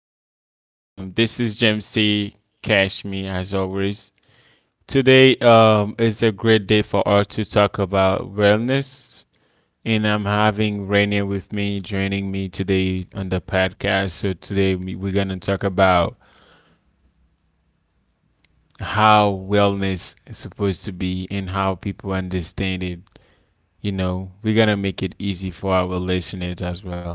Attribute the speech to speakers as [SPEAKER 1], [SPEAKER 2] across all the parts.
[SPEAKER 1] much. This is James C. Cashme as always. Today is a great day for us to talk about wellness, and I'm having Rainier with me joining me today on the podcast. So today we're gonna talk about how wellness is supposed to be and how people understand it. You know, we're gonna make it easy for our listeners as well.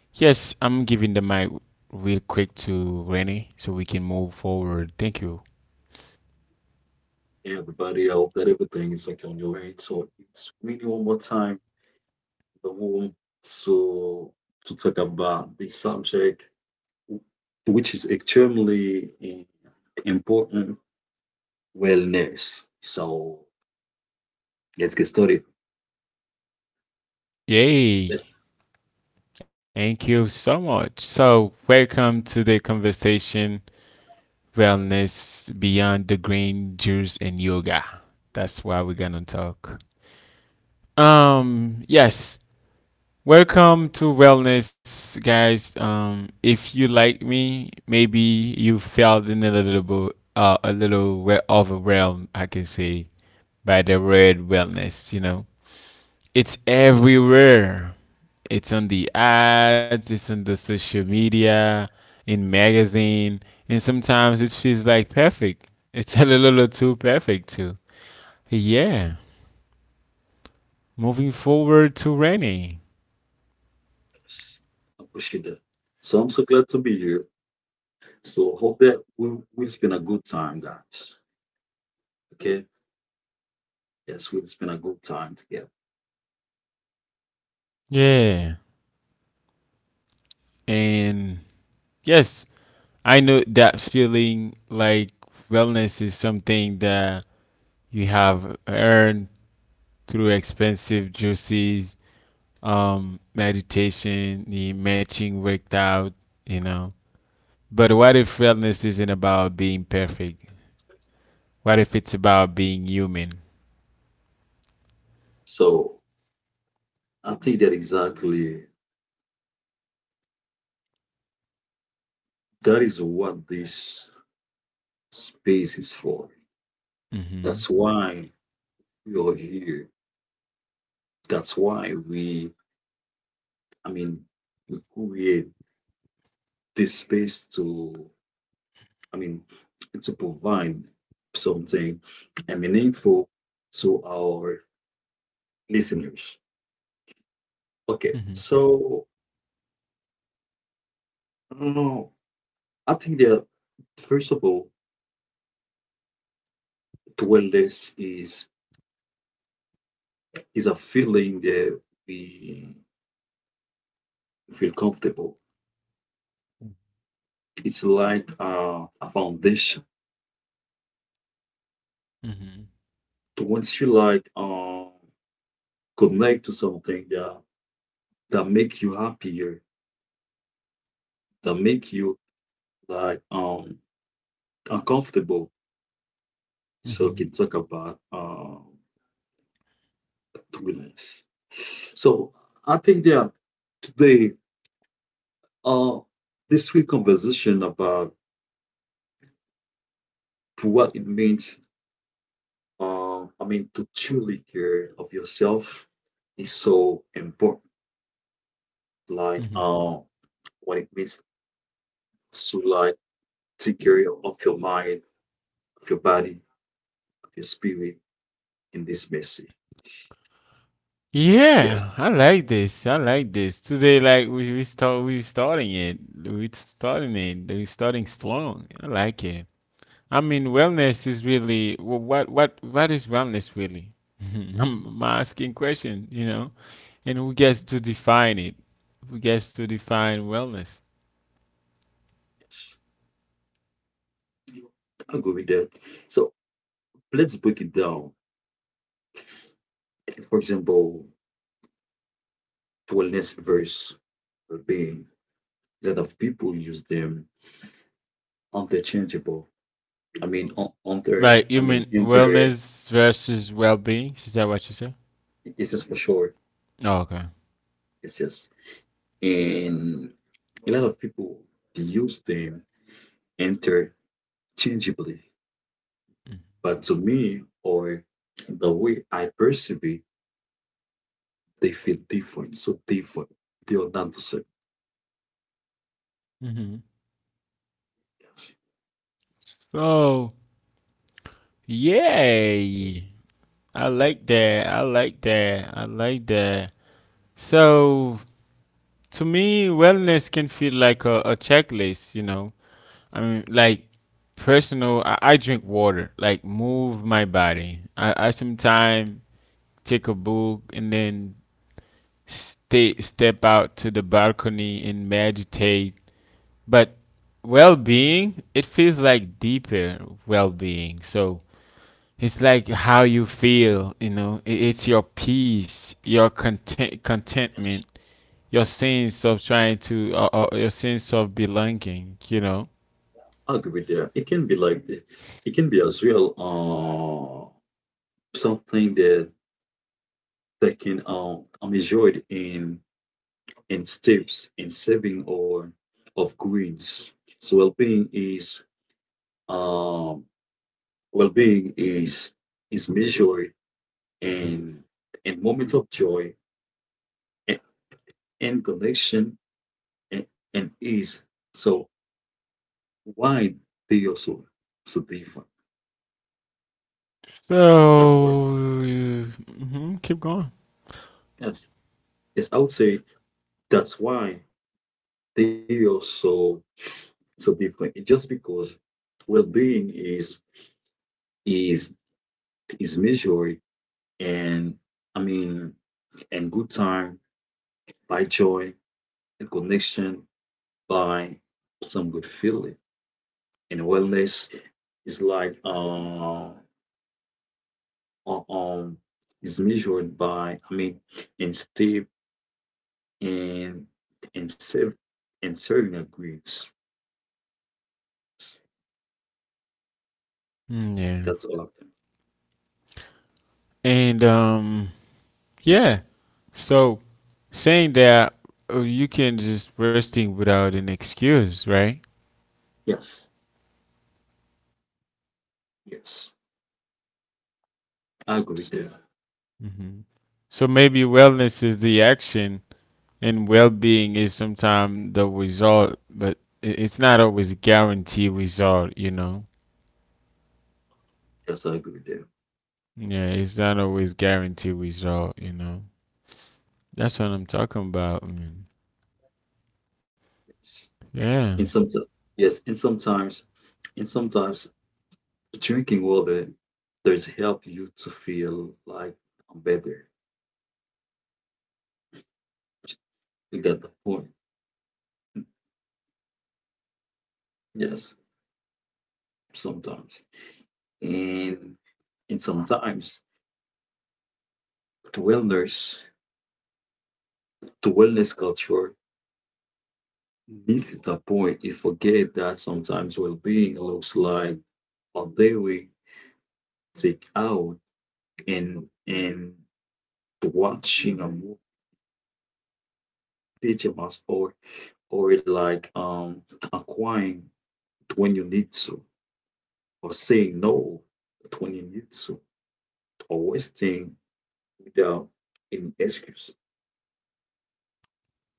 [SPEAKER 1] Yes, I'm giving the mic real quick to Rennie so we can move forward. Thank you.
[SPEAKER 2] Everybody out that everything is like on your end. So it's really one more time in the room, so to talk about the subject, which is extremely important. Wellness. So let's get started.
[SPEAKER 1] Yay! Thank you so much. So, welcome to the conversation Wellness Beyond the Green Juice and Yoga. That's why we're gonna talk. Yes, welcome to Wellness, guys. If you like me, maybe you felt in a little bit, a little overwhelmed, I can say, by the word wellness, you know. It's everywhere. It's on the ads, it's on the social media, in magazine, and sometimes it feels like perfect. It's a little too perfect too. Yeah. Moving forward to Rennie.
[SPEAKER 2] Let's appreciate that. So I'm so glad to be here. So hope that we'll spend a good time, guys. Okay? Yes, we'll spend a good time together.
[SPEAKER 1] Yeah. And yes, I know that feeling like wellness is something that you have earned through expensive juices, meditation, the matching worked out, you know. But what if wellness isn't about being perfect? What if it's about being human?
[SPEAKER 2] So I think that exactly that is what this space is for.
[SPEAKER 1] Mm-hmm.
[SPEAKER 2] That's why we are here. That's why we, I mean, we create this space to, I mean, to provide something and meaningful to our listeners. Okay,
[SPEAKER 1] Mm-hmm.
[SPEAKER 2] so uh, I think that first of all, to wellness is a feeling that we feel comfortable. It's like a foundation.
[SPEAKER 1] Mm-hmm.
[SPEAKER 2] To once you like. Connect to something that make you happier, that make you like uncomfortable. So we
[SPEAKER 1] Mm-hmm.
[SPEAKER 2] can talk about happiness. So I think that today uh this week conversation about what it means, I mean, to truly care of yourself is so important. Like
[SPEAKER 1] Mm-hmm.
[SPEAKER 2] what it means to like take care of your mind, of your body, of your spirit in this message. Yes,
[SPEAKER 1] Yeah, I like this. I like this. Today, like we starting it. We starting it. We starting strong. I like it. I mean, wellness is really what is wellness really? I'm asking question. You know, and who gets to define it? Who gets to define wellness?
[SPEAKER 2] yes. I agree with that. So let's break it down. For example, wellness versus well-being. A lot of people use them interchangeable. I mean, on inter.
[SPEAKER 1] Like
[SPEAKER 2] I
[SPEAKER 1] you
[SPEAKER 2] mean,
[SPEAKER 1] mean
[SPEAKER 2] inter.
[SPEAKER 1] wellness versus well-being? Is that what you said?
[SPEAKER 2] It's just for short.
[SPEAKER 1] Oh, okay.
[SPEAKER 2] It's yes. And a lot of people, they use them interchangeably. But to me, or the way I perceive it, they feel different. So different. They are not the same.
[SPEAKER 1] Mm-hmm. So yay! I like that. I like that. I like that. So to me, wellness can feel like a checklist. You know, I mean, like personal. I drink water. Like move my body. I sometimes take a book and then step out to the balcony and meditate. But well being, it feels like deeper well being. So it's like how you feel, you know, it's your peace, your contentment,
[SPEAKER 2] Yes,
[SPEAKER 1] your sense of trying to, your sense of belonging, you know.
[SPEAKER 2] agree with that. It can be like this. It can be as well, something that can measured in steps in saving or of greens. So well-being is, um, well-being is measured in in moments of joy and, and connection and ease. So why they are so so different? That's why.
[SPEAKER 1] So, keep going.
[SPEAKER 2] Yes. Yes, I would say that's why they are so so different. It just because well-being is is measured and, I mean, and good time by joy and connection by some good feeling. And wellness is like uh, um is measured by, I mean, and step and serve and serving agrees.
[SPEAKER 1] Mm, yeah.
[SPEAKER 2] That's all of them.
[SPEAKER 1] And yeah. So saying that you can just resting without an excuse, right?
[SPEAKER 2] Yes. Yes. I agree there.
[SPEAKER 1] Hmm. So maybe wellness is the action and well-being is sometimes the result, but it's not always a guarantee result, you know.
[SPEAKER 2] Yes, I agree there.
[SPEAKER 1] Yeah, it's not always guarantee result, you know. That's what I'm talking about, man.
[SPEAKER 2] Yes.
[SPEAKER 1] Yeah.
[SPEAKER 2] And sometimes, yes, and sometimes drinking water does help you to feel like I'm better. You get the point. Yes, sometimes. And and sometimes the wellness, the wellness culture misses the point. You forget that sometimes well-being looks like a daily take out and watching a movie, picture mask, or like acquiring when you need to, or saying no when you need to, or wasting without any excuse.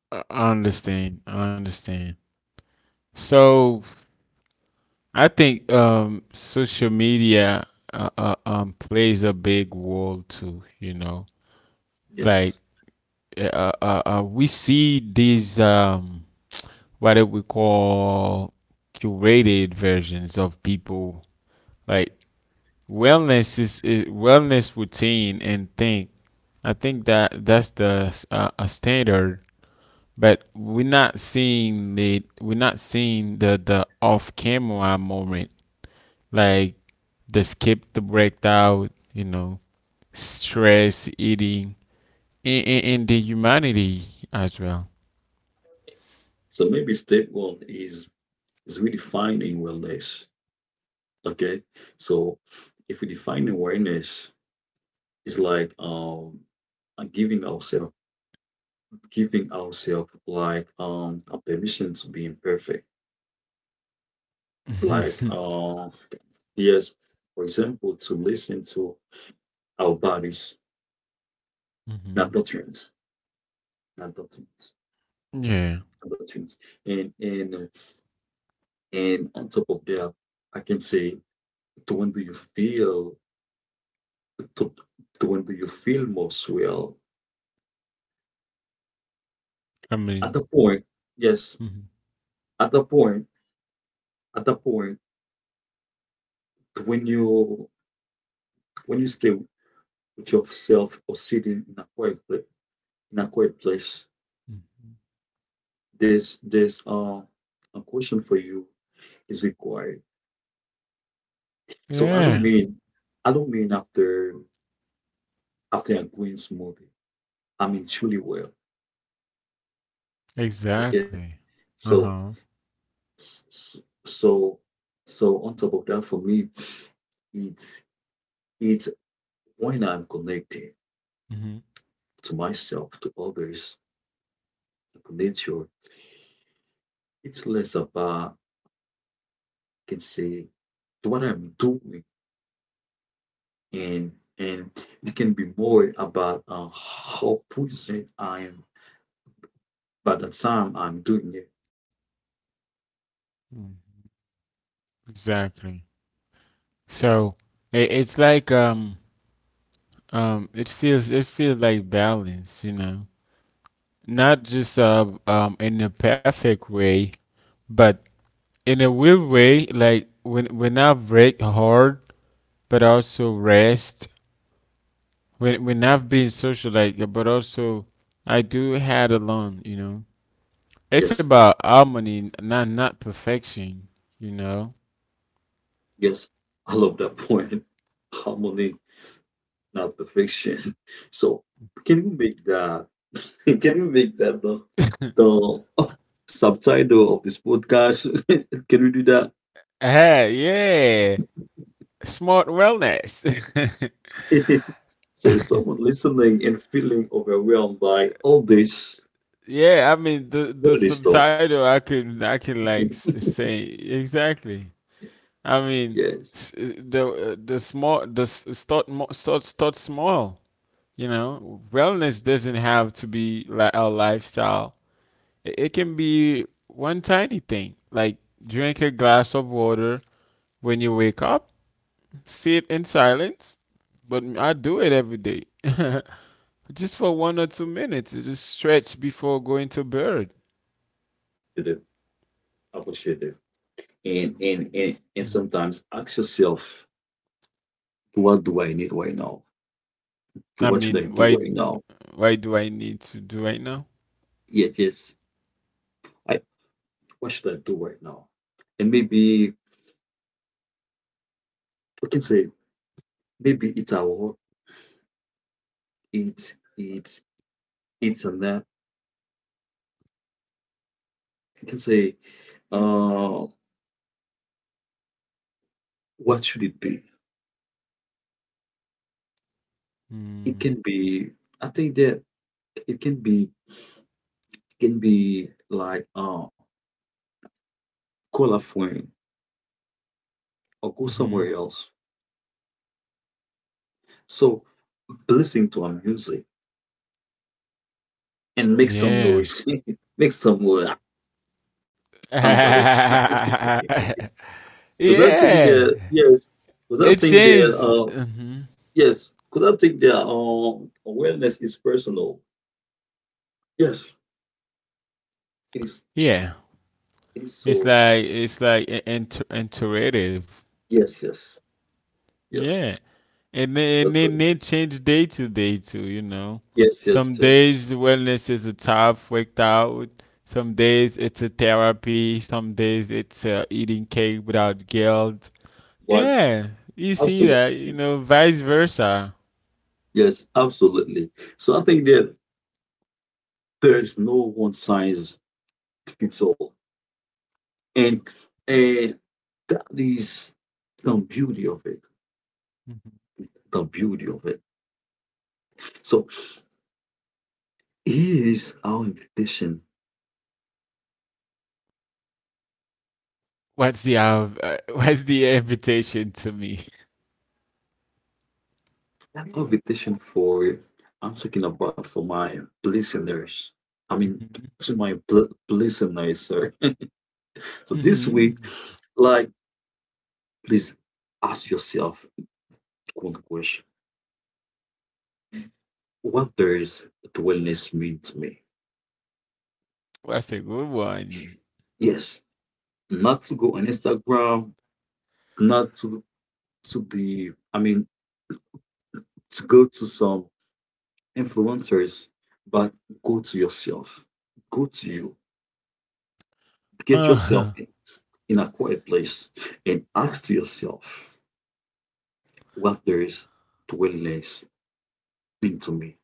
[SPEAKER 1] I understand. I understand. So I think social media plays a big role too. You know, like
[SPEAKER 2] Yes.
[SPEAKER 1] we see these what do we call curated versions of people. Like wellness is wellness routine and think. I think that that's the a standard, but we're not seeing the off camera moment, like the skip the breakdown, you know, stress eating, and the humanity as well.
[SPEAKER 2] So maybe step one is redefining wellness. Okay. So if we define awareness, it's like giving ourselves, giving ourselves like a permission to be imperfect. Like yes, for example, to listen to our bodies, not
[SPEAKER 1] Hmm.
[SPEAKER 2] doctrines, not doctrines.
[SPEAKER 1] Yeah,
[SPEAKER 2] Other things. And on top of that, I can say, to when do you feel to, to when do you feel most well?
[SPEAKER 1] I
[SPEAKER 2] At
[SPEAKER 1] mean,
[SPEAKER 2] the point, yes,
[SPEAKER 1] mhm,
[SPEAKER 2] at the point, at the point when you, when you stay with yourself or sitting in a quiet place, in a quiet place,
[SPEAKER 1] mhm.
[SPEAKER 2] there's a question for you is required. So
[SPEAKER 1] yeah,
[SPEAKER 2] I don't mean after after a green smoothie. I mean truly well. Okay.
[SPEAKER 1] exactly. Uh
[SPEAKER 2] So
[SPEAKER 1] huh.
[SPEAKER 2] So, so on top of that, for me, it's it's when I'm connecting
[SPEAKER 1] Hmm.
[SPEAKER 2] to myself, to others, to nature. It's less about I can say what I'm doing, and it can be more about how present I am by the time I'm doing it.
[SPEAKER 1] Exactly. So it's like it feels like balance, you know, not just in a perfect way, but in a weird way, like when I break hard, but also rest when I've been social, like, but also I do had alone, you know, it's
[SPEAKER 2] Yes, sir.
[SPEAKER 1] about harmony, not perfection, you know.
[SPEAKER 2] Yes, I love that point. Harmony, not perfection. So can you make that? Can you make that the the oh, subtitle of this podcast? Can we do that?
[SPEAKER 1] Ah, yeah, smart wellness.
[SPEAKER 2] So is someone listening and feeling overwhelmed by all this?
[SPEAKER 1] Yeah, I mean, the
[SPEAKER 2] Where this talk?
[SPEAKER 1] subtitle I can like say exactly. I mean,
[SPEAKER 2] Yes,
[SPEAKER 1] s- the the small the s- start mo- start start small. You know, wellness doesn't have to be like a lifestyle. It can be one tiny thing, like drink a glass of water when you wake up, sit in silence. But I do it every day, just for 1 or 2 minutes. Just stretch before going to bed.
[SPEAKER 2] it is. Appreciate. And
[SPEAKER 1] Mhm.
[SPEAKER 2] sometimes ask yourself, what do I need right now?
[SPEAKER 1] I
[SPEAKER 2] What should I
[SPEAKER 1] mean,
[SPEAKER 2] do
[SPEAKER 1] why,
[SPEAKER 2] right now?
[SPEAKER 1] do I need to do right now?
[SPEAKER 2] Yes, yes. I, what should I do right now? And maybe we can say, maybe it's a walk, it's it's a nap. You can say, uh, what should it be? It
[SPEAKER 1] Mm,
[SPEAKER 2] can be, I think that it can be like, call a friend or go somewhere
[SPEAKER 1] hmm.
[SPEAKER 2] else. So listening to a music and make some
[SPEAKER 1] Yeah.
[SPEAKER 2] noise, make some noise about that. Because I think
[SPEAKER 1] Yeah.
[SPEAKER 2] that yes, because I
[SPEAKER 1] It
[SPEAKER 2] think that
[SPEAKER 1] is.
[SPEAKER 2] yes, because I think that awareness is personal. Yes, it is.
[SPEAKER 1] Yeah,
[SPEAKER 2] It is
[SPEAKER 1] it's
[SPEAKER 2] so.
[SPEAKER 1] like it's like iterative.
[SPEAKER 2] Yes, yes, yes.
[SPEAKER 1] Yeah, and then, and
[SPEAKER 2] That's what
[SPEAKER 1] then
[SPEAKER 2] it
[SPEAKER 1] they
[SPEAKER 2] is.
[SPEAKER 1] change day to day too. You know,
[SPEAKER 2] Yes, yes,
[SPEAKER 1] some
[SPEAKER 2] yes.
[SPEAKER 1] days wellness is a tough workout. Some days it's a therapy. Some days it's eating cake without guilt.
[SPEAKER 2] Right.
[SPEAKER 1] Yeah, you see
[SPEAKER 2] Absolutely.
[SPEAKER 1] that. You know, vice versa.
[SPEAKER 2] Yes, absolutely. So I think that there's no one size fits all, and and that is the beauty of it.
[SPEAKER 1] Mhm.
[SPEAKER 2] The beauty of it. So here is our invitation.
[SPEAKER 1] What's the invitation to me?
[SPEAKER 2] Our invitation for, I'm talking about for my listeners. I mean, to my listeners, sorry. So
[SPEAKER 1] Hmm.
[SPEAKER 2] this
[SPEAKER 1] Hmm.
[SPEAKER 2] week, like, please ask yourself what question: what does wellness mean to me?
[SPEAKER 1] That's a good one.
[SPEAKER 2] Yes, not to go on Instagram, not to to the I mean to go to some influencers, but go to yourself. Go to you. Get yourself
[SPEAKER 1] Uh-huh.
[SPEAKER 2] in a quiet place and ask to yourself, what does wellness mean to me.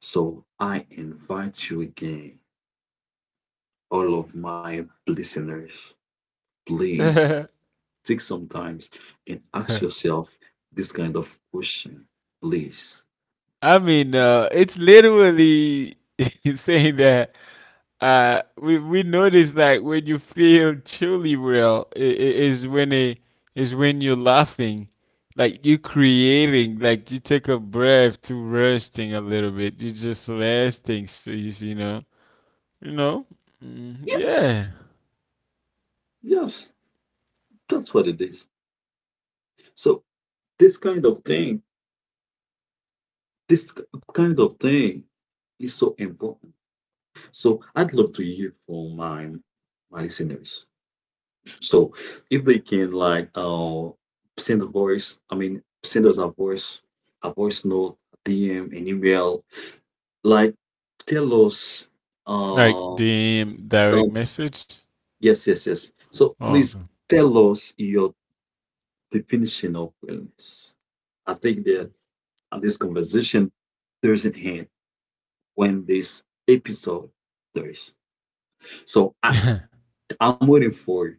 [SPEAKER 2] So I invite you again, all of my listeners, please, think sometimes and ask yourself this kind of question, please.
[SPEAKER 1] I mean, it's literally saying that we notice that when you feel truly real, is when you're laughing, like you're creating, like you take a breath to resting a little bit. You just rest things, so you see, you know, you know,
[SPEAKER 2] Yes,
[SPEAKER 1] yeah,
[SPEAKER 2] yes, that's what it is. So this kind of thing, this kind of thing is so important. So I'd love to hear from my my listeners. So if they can like send a voice, I mean send us a voice note, DM, an email, like tell us
[SPEAKER 1] like
[SPEAKER 2] uh
[SPEAKER 1] DM direct message.
[SPEAKER 2] Yes, yes, yes. So
[SPEAKER 1] Oh,
[SPEAKER 2] please
[SPEAKER 1] God.
[SPEAKER 2] tell us your definition of wellness. I think that on this conversation, there's in hand when this episode there's. So I'm waiting for you.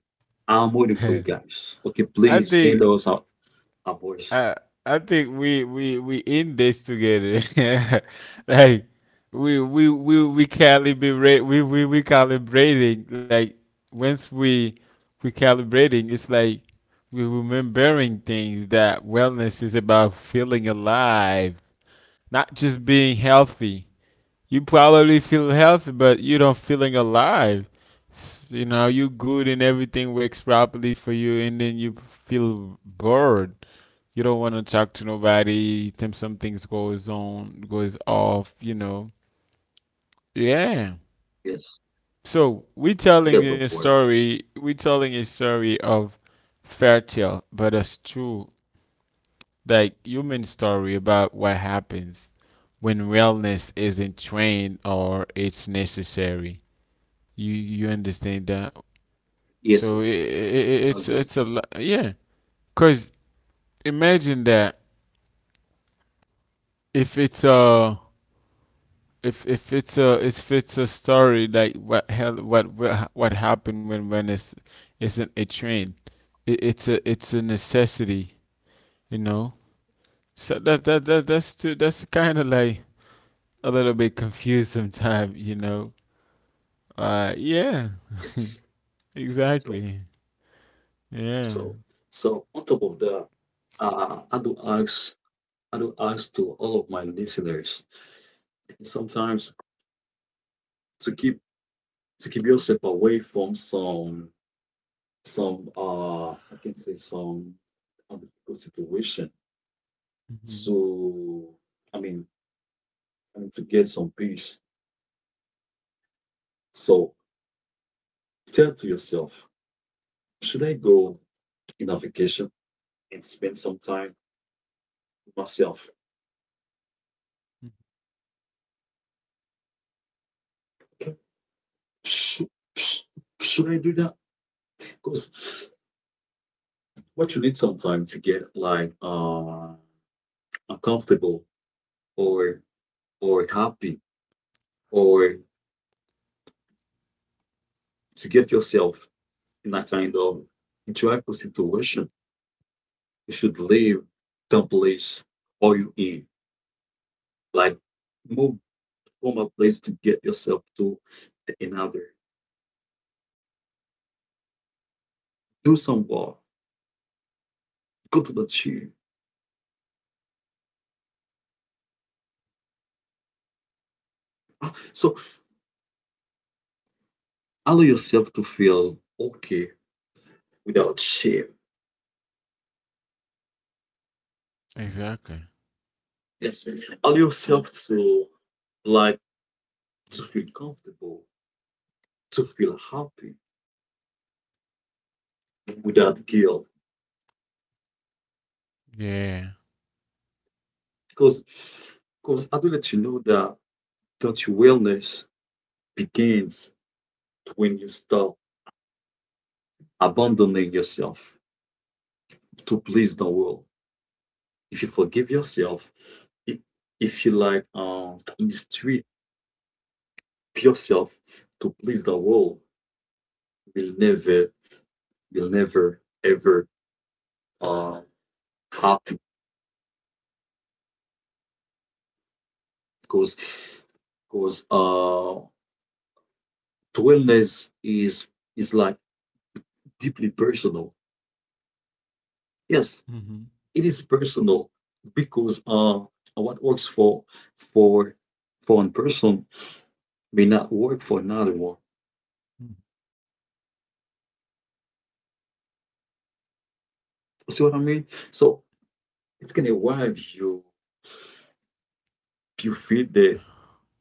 [SPEAKER 2] I'm waiting for you guys. Okay,
[SPEAKER 1] I
[SPEAKER 2] please
[SPEAKER 1] think
[SPEAKER 2] send us our voice.
[SPEAKER 1] I we we in this together. Like we calibrating, like once we calibrating, it's like we remembering things that wellness is about feeling alive, not just being healthy. You probably feel healthy, but you don't feeling alive. You know, you good and everything works properly for you, and then you feel bored. You don't want to talk to nobody. Then some things goes on, goes off. You know, yeah.
[SPEAKER 2] Yes,
[SPEAKER 1] So we telling a
[SPEAKER 2] I got the board.
[SPEAKER 1] story. We telling a story of fair tale, but it's true, like human story about what happens when wellness isn't trained or it's necessary. You understand that? So it,
[SPEAKER 2] Yes,
[SPEAKER 1] it, it's it's a
[SPEAKER 2] I
[SPEAKER 1] lot,
[SPEAKER 2] agree with that.
[SPEAKER 1] yeah. Cause imagine that, if it's a if it's a if it's a story, like what hell what happened when it's isn't a train, it's a necessity, you know. So that's kind of like a little bit confused sometimes, you know. Yeah,
[SPEAKER 2] Yes. So,
[SPEAKER 1] exactly.
[SPEAKER 2] so,
[SPEAKER 1] Yeah,
[SPEAKER 2] so on top of that, uh, I do ask, I do ask to all of my listeners. Sometimes to keep to keep yourself away from some I can say some unethical situation.
[SPEAKER 1] hmm
[SPEAKER 2] So I mean I mean to get some peace. So tell to yourself, should I go in a vacation and spend some time with myself? Okay. Should, should I do that? Because what you need sometimes to get like uncomfortable or happy or to get yourself in a kind of joyful situation, you should leave the place or you in. Like move from a place to get yourself to another. Do some work. Go to the gym. So allow yourself to feel okay without shame.
[SPEAKER 1] exactly.
[SPEAKER 2] Yes. Allow yourself to like to feel comfortable, to feel happy without guilt.
[SPEAKER 1] Yeah.
[SPEAKER 2] Because because I do let you know that that your wellness begins when you stop abandoning yourself to please the world. If you forgive yourself, i- if you like mistreat yourself to please the world, you'll never, you'll never ever uh happy because because uh wellness is like deeply personal. Yes,
[SPEAKER 1] Mhm.
[SPEAKER 2] it is personal because what works for for one person may not work for another one.
[SPEAKER 1] Mm.
[SPEAKER 2] You see what I mean? So it's gonna wipe you, you feel that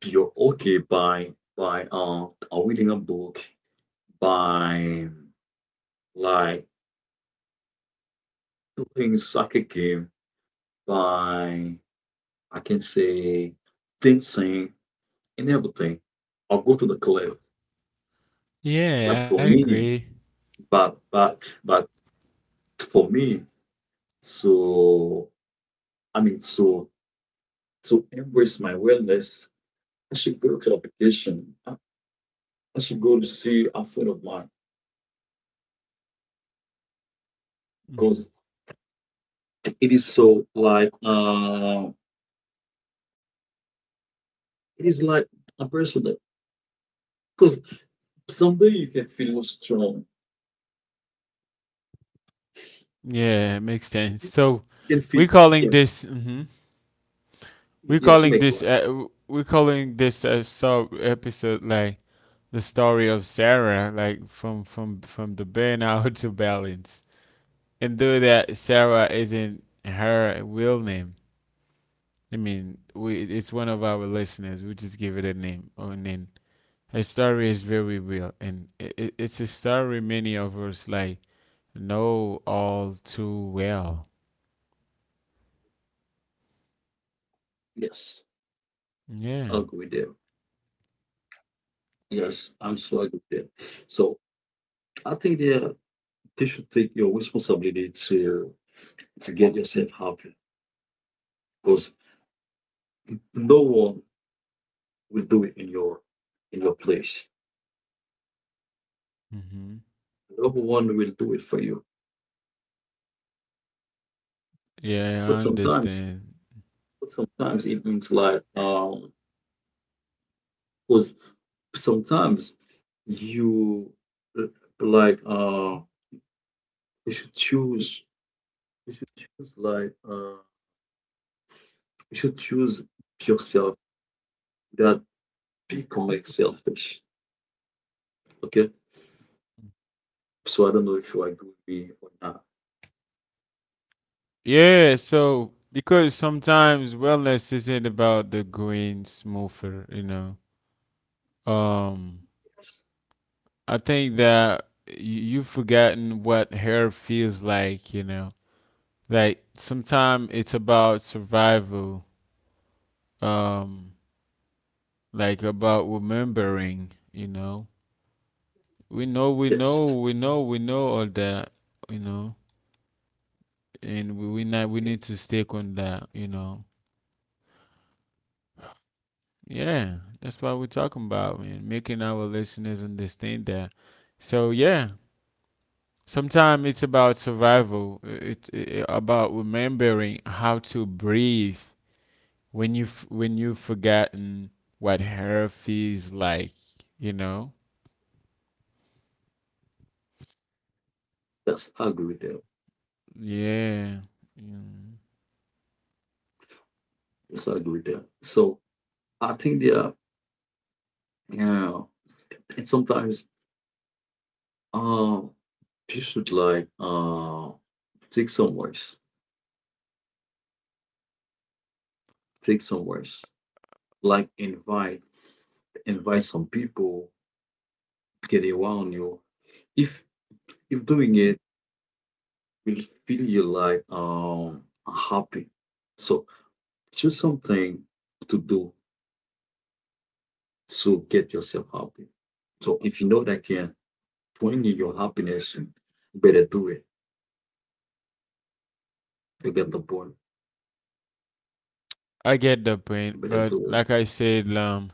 [SPEAKER 2] you're okay by reading a book, by like playing soccer game, by I can say dancing and everything. I'll go to the club. But
[SPEAKER 1] Yeah, I
[SPEAKER 2] for me,
[SPEAKER 1] agree.
[SPEAKER 2] but for me, so I mean so to embrace my wellness, I should go to a vacation. I should go to see a friend of mine. Because
[SPEAKER 1] Mhm.
[SPEAKER 2] it is so like it is like a personal because someday you can feel strong,
[SPEAKER 1] Yeah, it makes
[SPEAKER 2] you
[SPEAKER 1] sense. So
[SPEAKER 2] can feel,
[SPEAKER 1] we calling
[SPEAKER 2] yes,
[SPEAKER 1] this, mhm, we
[SPEAKER 2] yes, you
[SPEAKER 1] calling
[SPEAKER 2] make
[SPEAKER 1] this
[SPEAKER 2] life.
[SPEAKER 1] uh, we calling this, sub episode, like the story of Sarah, like from the burnout to balance. And though that Sarah isn't her real name, I mean, we it's one of our listeners. We just give it a name, and then her story is very real, and it's a story many of us like know all too well.
[SPEAKER 2] Yes, I agree with you.
[SPEAKER 1] Yeah.
[SPEAKER 2] Yes, I'm so agree with you. So I think yeah, they should take your responsibility to get yourself happy because no one will do it in your, in your place.
[SPEAKER 1] Hmm.
[SPEAKER 2] No one will do it for you.
[SPEAKER 1] Yeah, I
[SPEAKER 2] But sometimes,
[SPEAKER 1] understand.
[SPEAKER 2] but sometimes it means like 'cause sometimes you, uh, like uh you should choose, you should choose like uh you should choose yourself without becoming selfish. Okay? So I don't know if you agree with me or not.
[SPEAKER 1] Yeah, so because sometimes wellness isn't about the going smoother, you know. Um,
[SPEAKER 2] Yes.
[SPEAKER 1] I think that you've forgotten what hair feels like, you know. Like sometimes it's about survival, um, like about remembering, you know. We know, we
[SPEAKER 2] Yes.
[SPEAKER 1] know, we know, we know all that, you know. And we not we
[SPEAKER 2] Yes.
[SPEAKER 1] need to stick on that, you know. Yeah, that's what we're talking about, man. Making our listeners understand that. So yeah, sometimes it's about survival. It's about remembering how to breathe when when you've forgotten what hair feels like. You know.
[SPEAKER 2] Yes, I agree with that.
[SPEAKER 1] Yeah. Mm.
[SPEAKER 2] Yes, I agree with that. So I think yeah, yeah. And sometimes uh you should like take some words. Take some words. Like invite, invite some people get around you. If if doing it will feel you like happy. So choose something to do to get yourself happy. So if you know that can bring you your happiness, you better do it. You get the point.
[SPEAKER 1] I get the
[SPEAKER 2] You better
[SPEAKER 1] point,
[SPEAKER 2] do it.
[SPEAKER 1] but like I said, um,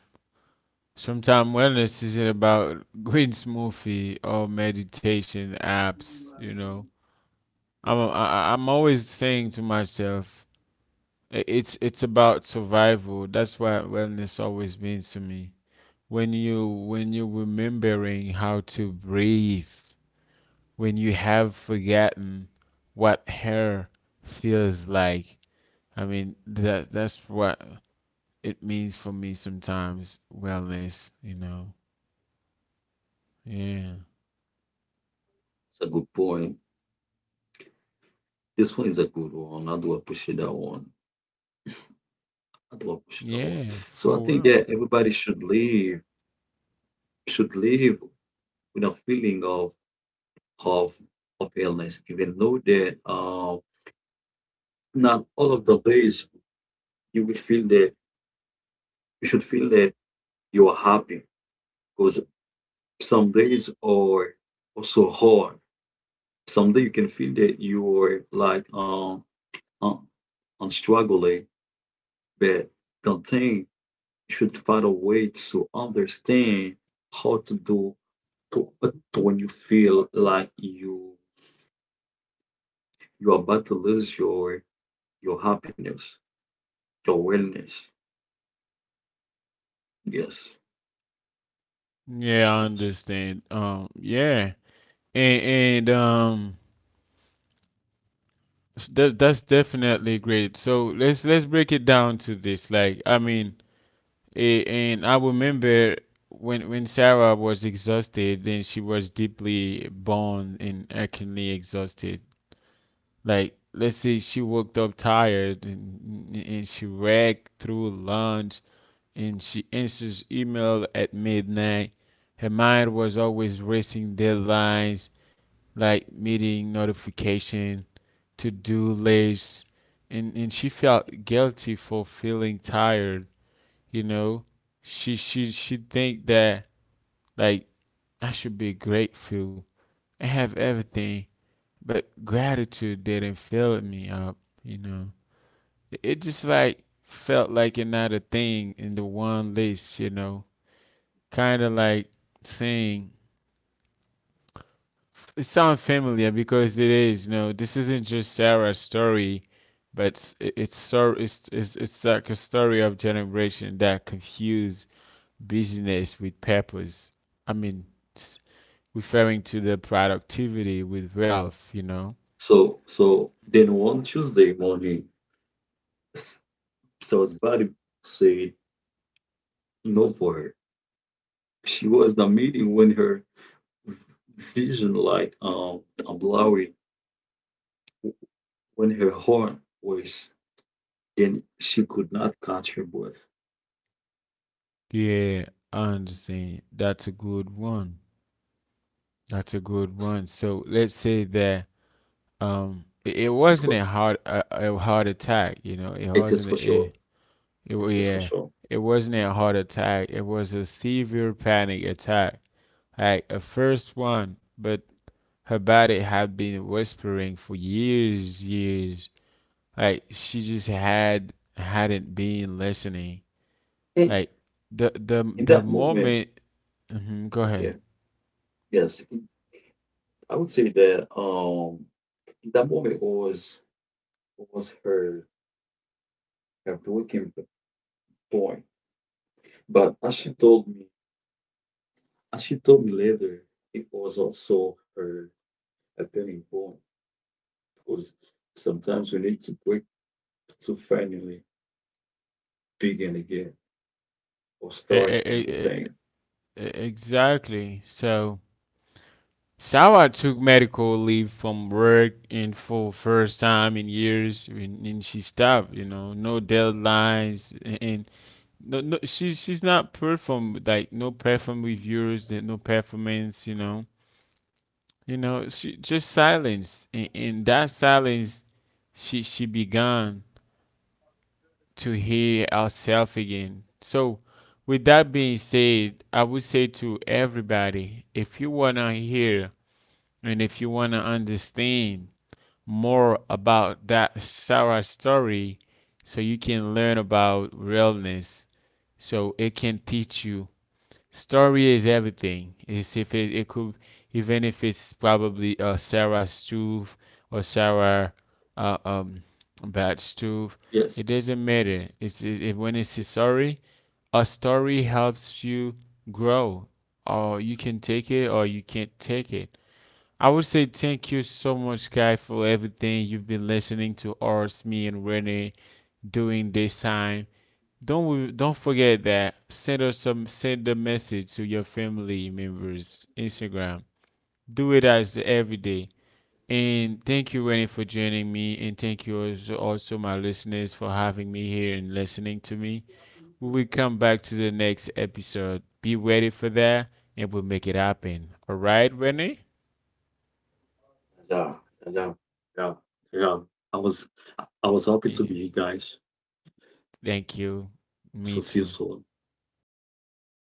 [SPEAKER 1] Sometimes wellness isn't about green smoothie or meditation apps. You know, am always saying to myself, it's about survival. That's what wellness always means to me. When you are remembering how to breathe, when you have forgotten what hair feels like. I mean, that that's what it means for me sometimes. Wellness, you know. Yeah.
[SPEAKER 2] It's a good point. This one is a good one. I do appreciate that one. I do appreciate that one.
[SPEAKER 1] Yeah,
[SPEAKER 2] So I
[SPEAKER 1] for
[SPEAKER 2] think
[SPEAKER 1] real.
[SPEAKER 2] that everybody should live, should live with a feeling of of illness, even though that not all of the days you will feel that you should feel that you are happy because some days are also hard. Some day you can feel that you are like um, struggling, but the thing, you should find a way to understand how to do to, to when you feel like you are about to lose your happiness, your wellness. Yes,
[SPEAKER 1] Yeah, I
[SPEAKER 2] yes.
[SPEAKER 1] understand. Yeah, and that that's definitely great. So let's break it down to this. Like, I mean, and I remember when Sarah was exhausted, then she was deeply burned and acutely exhausted. Like, let's say she woke up tired, and she ragged through lunch, and she answers email at midnight. Her mind was always racing deadlines, like meeting notification, to-do lists, and she felt guilty for feeling tired, you know? She think that, like, I should be grateful. I have everything, but gratitude didn't fill me up, you know, it just like felt like another thing in the one list, you know, kind of like saying, it sounds familiar because it is, you know, this isn't just Sarah's story, but it's so it's like a story of generation that confuse business with purpose. I mean, referring to the productivity with wealth, you know.
[SPEAKER 2] So so then one Tuesday morning. So's body said no for her. She was not meeting when her vision like blurry, when her horn was, then she could not catch her breath.
[SPEAKER 1] Yeah, I understand. That's a good one. That's a good one. So let's say that it
[SPEAKER 2] It
[SPEAKER 1] wasn't
[SPEAKER 2] was
[SPEAKER 1] a heart, a heart attack, you know. It
[SPEAKER 2] it's just
[SPEAKER 1] wasn't
[SPEAKER 2] for
[SPEAKER 1] a,
[SPEAKER 2] sure.
[SPEAKER 1] it wa-
[SPEAKER 2] It's just for
[SPEAKER 1] Yeah.
[SPEAKER 2] sure.
[SPEAKER 1] It wasn't a heart attack. It was a severe panic attack. Like a first one, but her body had been whispering for years, years. Like she just hadn't been listening.
[SPEAKER 2] And
[SPEAKER 1] Like the the
[SPEAKER 2] in
[SPEAKER 1] the
[SPEAKER 2] that moment,
[SPEAKER 1] moment. Mhm, go ahead.
[SPEAKER 2] okay, yes, in- I would say that in that moment was her her breaking point. But as she told me, as she told me later, it was also her are very important because sometimes we need to break to finally begin again or
[SPEAKER 1] E-
[SPEAKER 2] start
[SPEAKER 1] e-
[SPEAKER 2] a new
[SPEAKER 1] e- e-
[SPEAKER 2] thing.
[SPEAKER 1] Exactly. So, Sawa took medical leave from work in for first time in years, and she stopped. You know, no deadlines, and no, no, she's not perform, like no perform reviews, no performance. You know, she just silence, and that silence, she began to hear ourselves again. So, with that being said, I would say to everybody, if you want to hear and if you want to understand more about that Sarah story, so you can learn about realness, so it can teach you. Story is everything. It's if it could, even if it's probably Sarah stove or Sarah uh, um, bad stove,
[SPEAKER 2] Yes.
[SPEAKER 1] it doesn't matter. When it's a story helps you grow. Or you can take it, or you can't take it. I would say thank you so much, guy, for everything you've been listening to us, me, and Renee during this time. Don't forget that, send us some send a message to your family members Instagram, do it as every day. And thank you, Rennie, for joining me, and thank you also my listeners for having me here and listening to me. We come back to the next episode, be ready for that, and we'll make it happen, all right, Rennie?
[SPEAKER 2] Yeah, yeah, Yeah. Yeah. I was I was happy to be
[SPEAKER 1] Yeah.
[SPEAKER 2] here, guys.
[SPEAKER 1] Thank you.
[SPEAKER 2] So
[SPEAKER 1] Me
[SPEAKER 2] see you
[SPEAKER 1] too.
[SPEAKER 2] soon.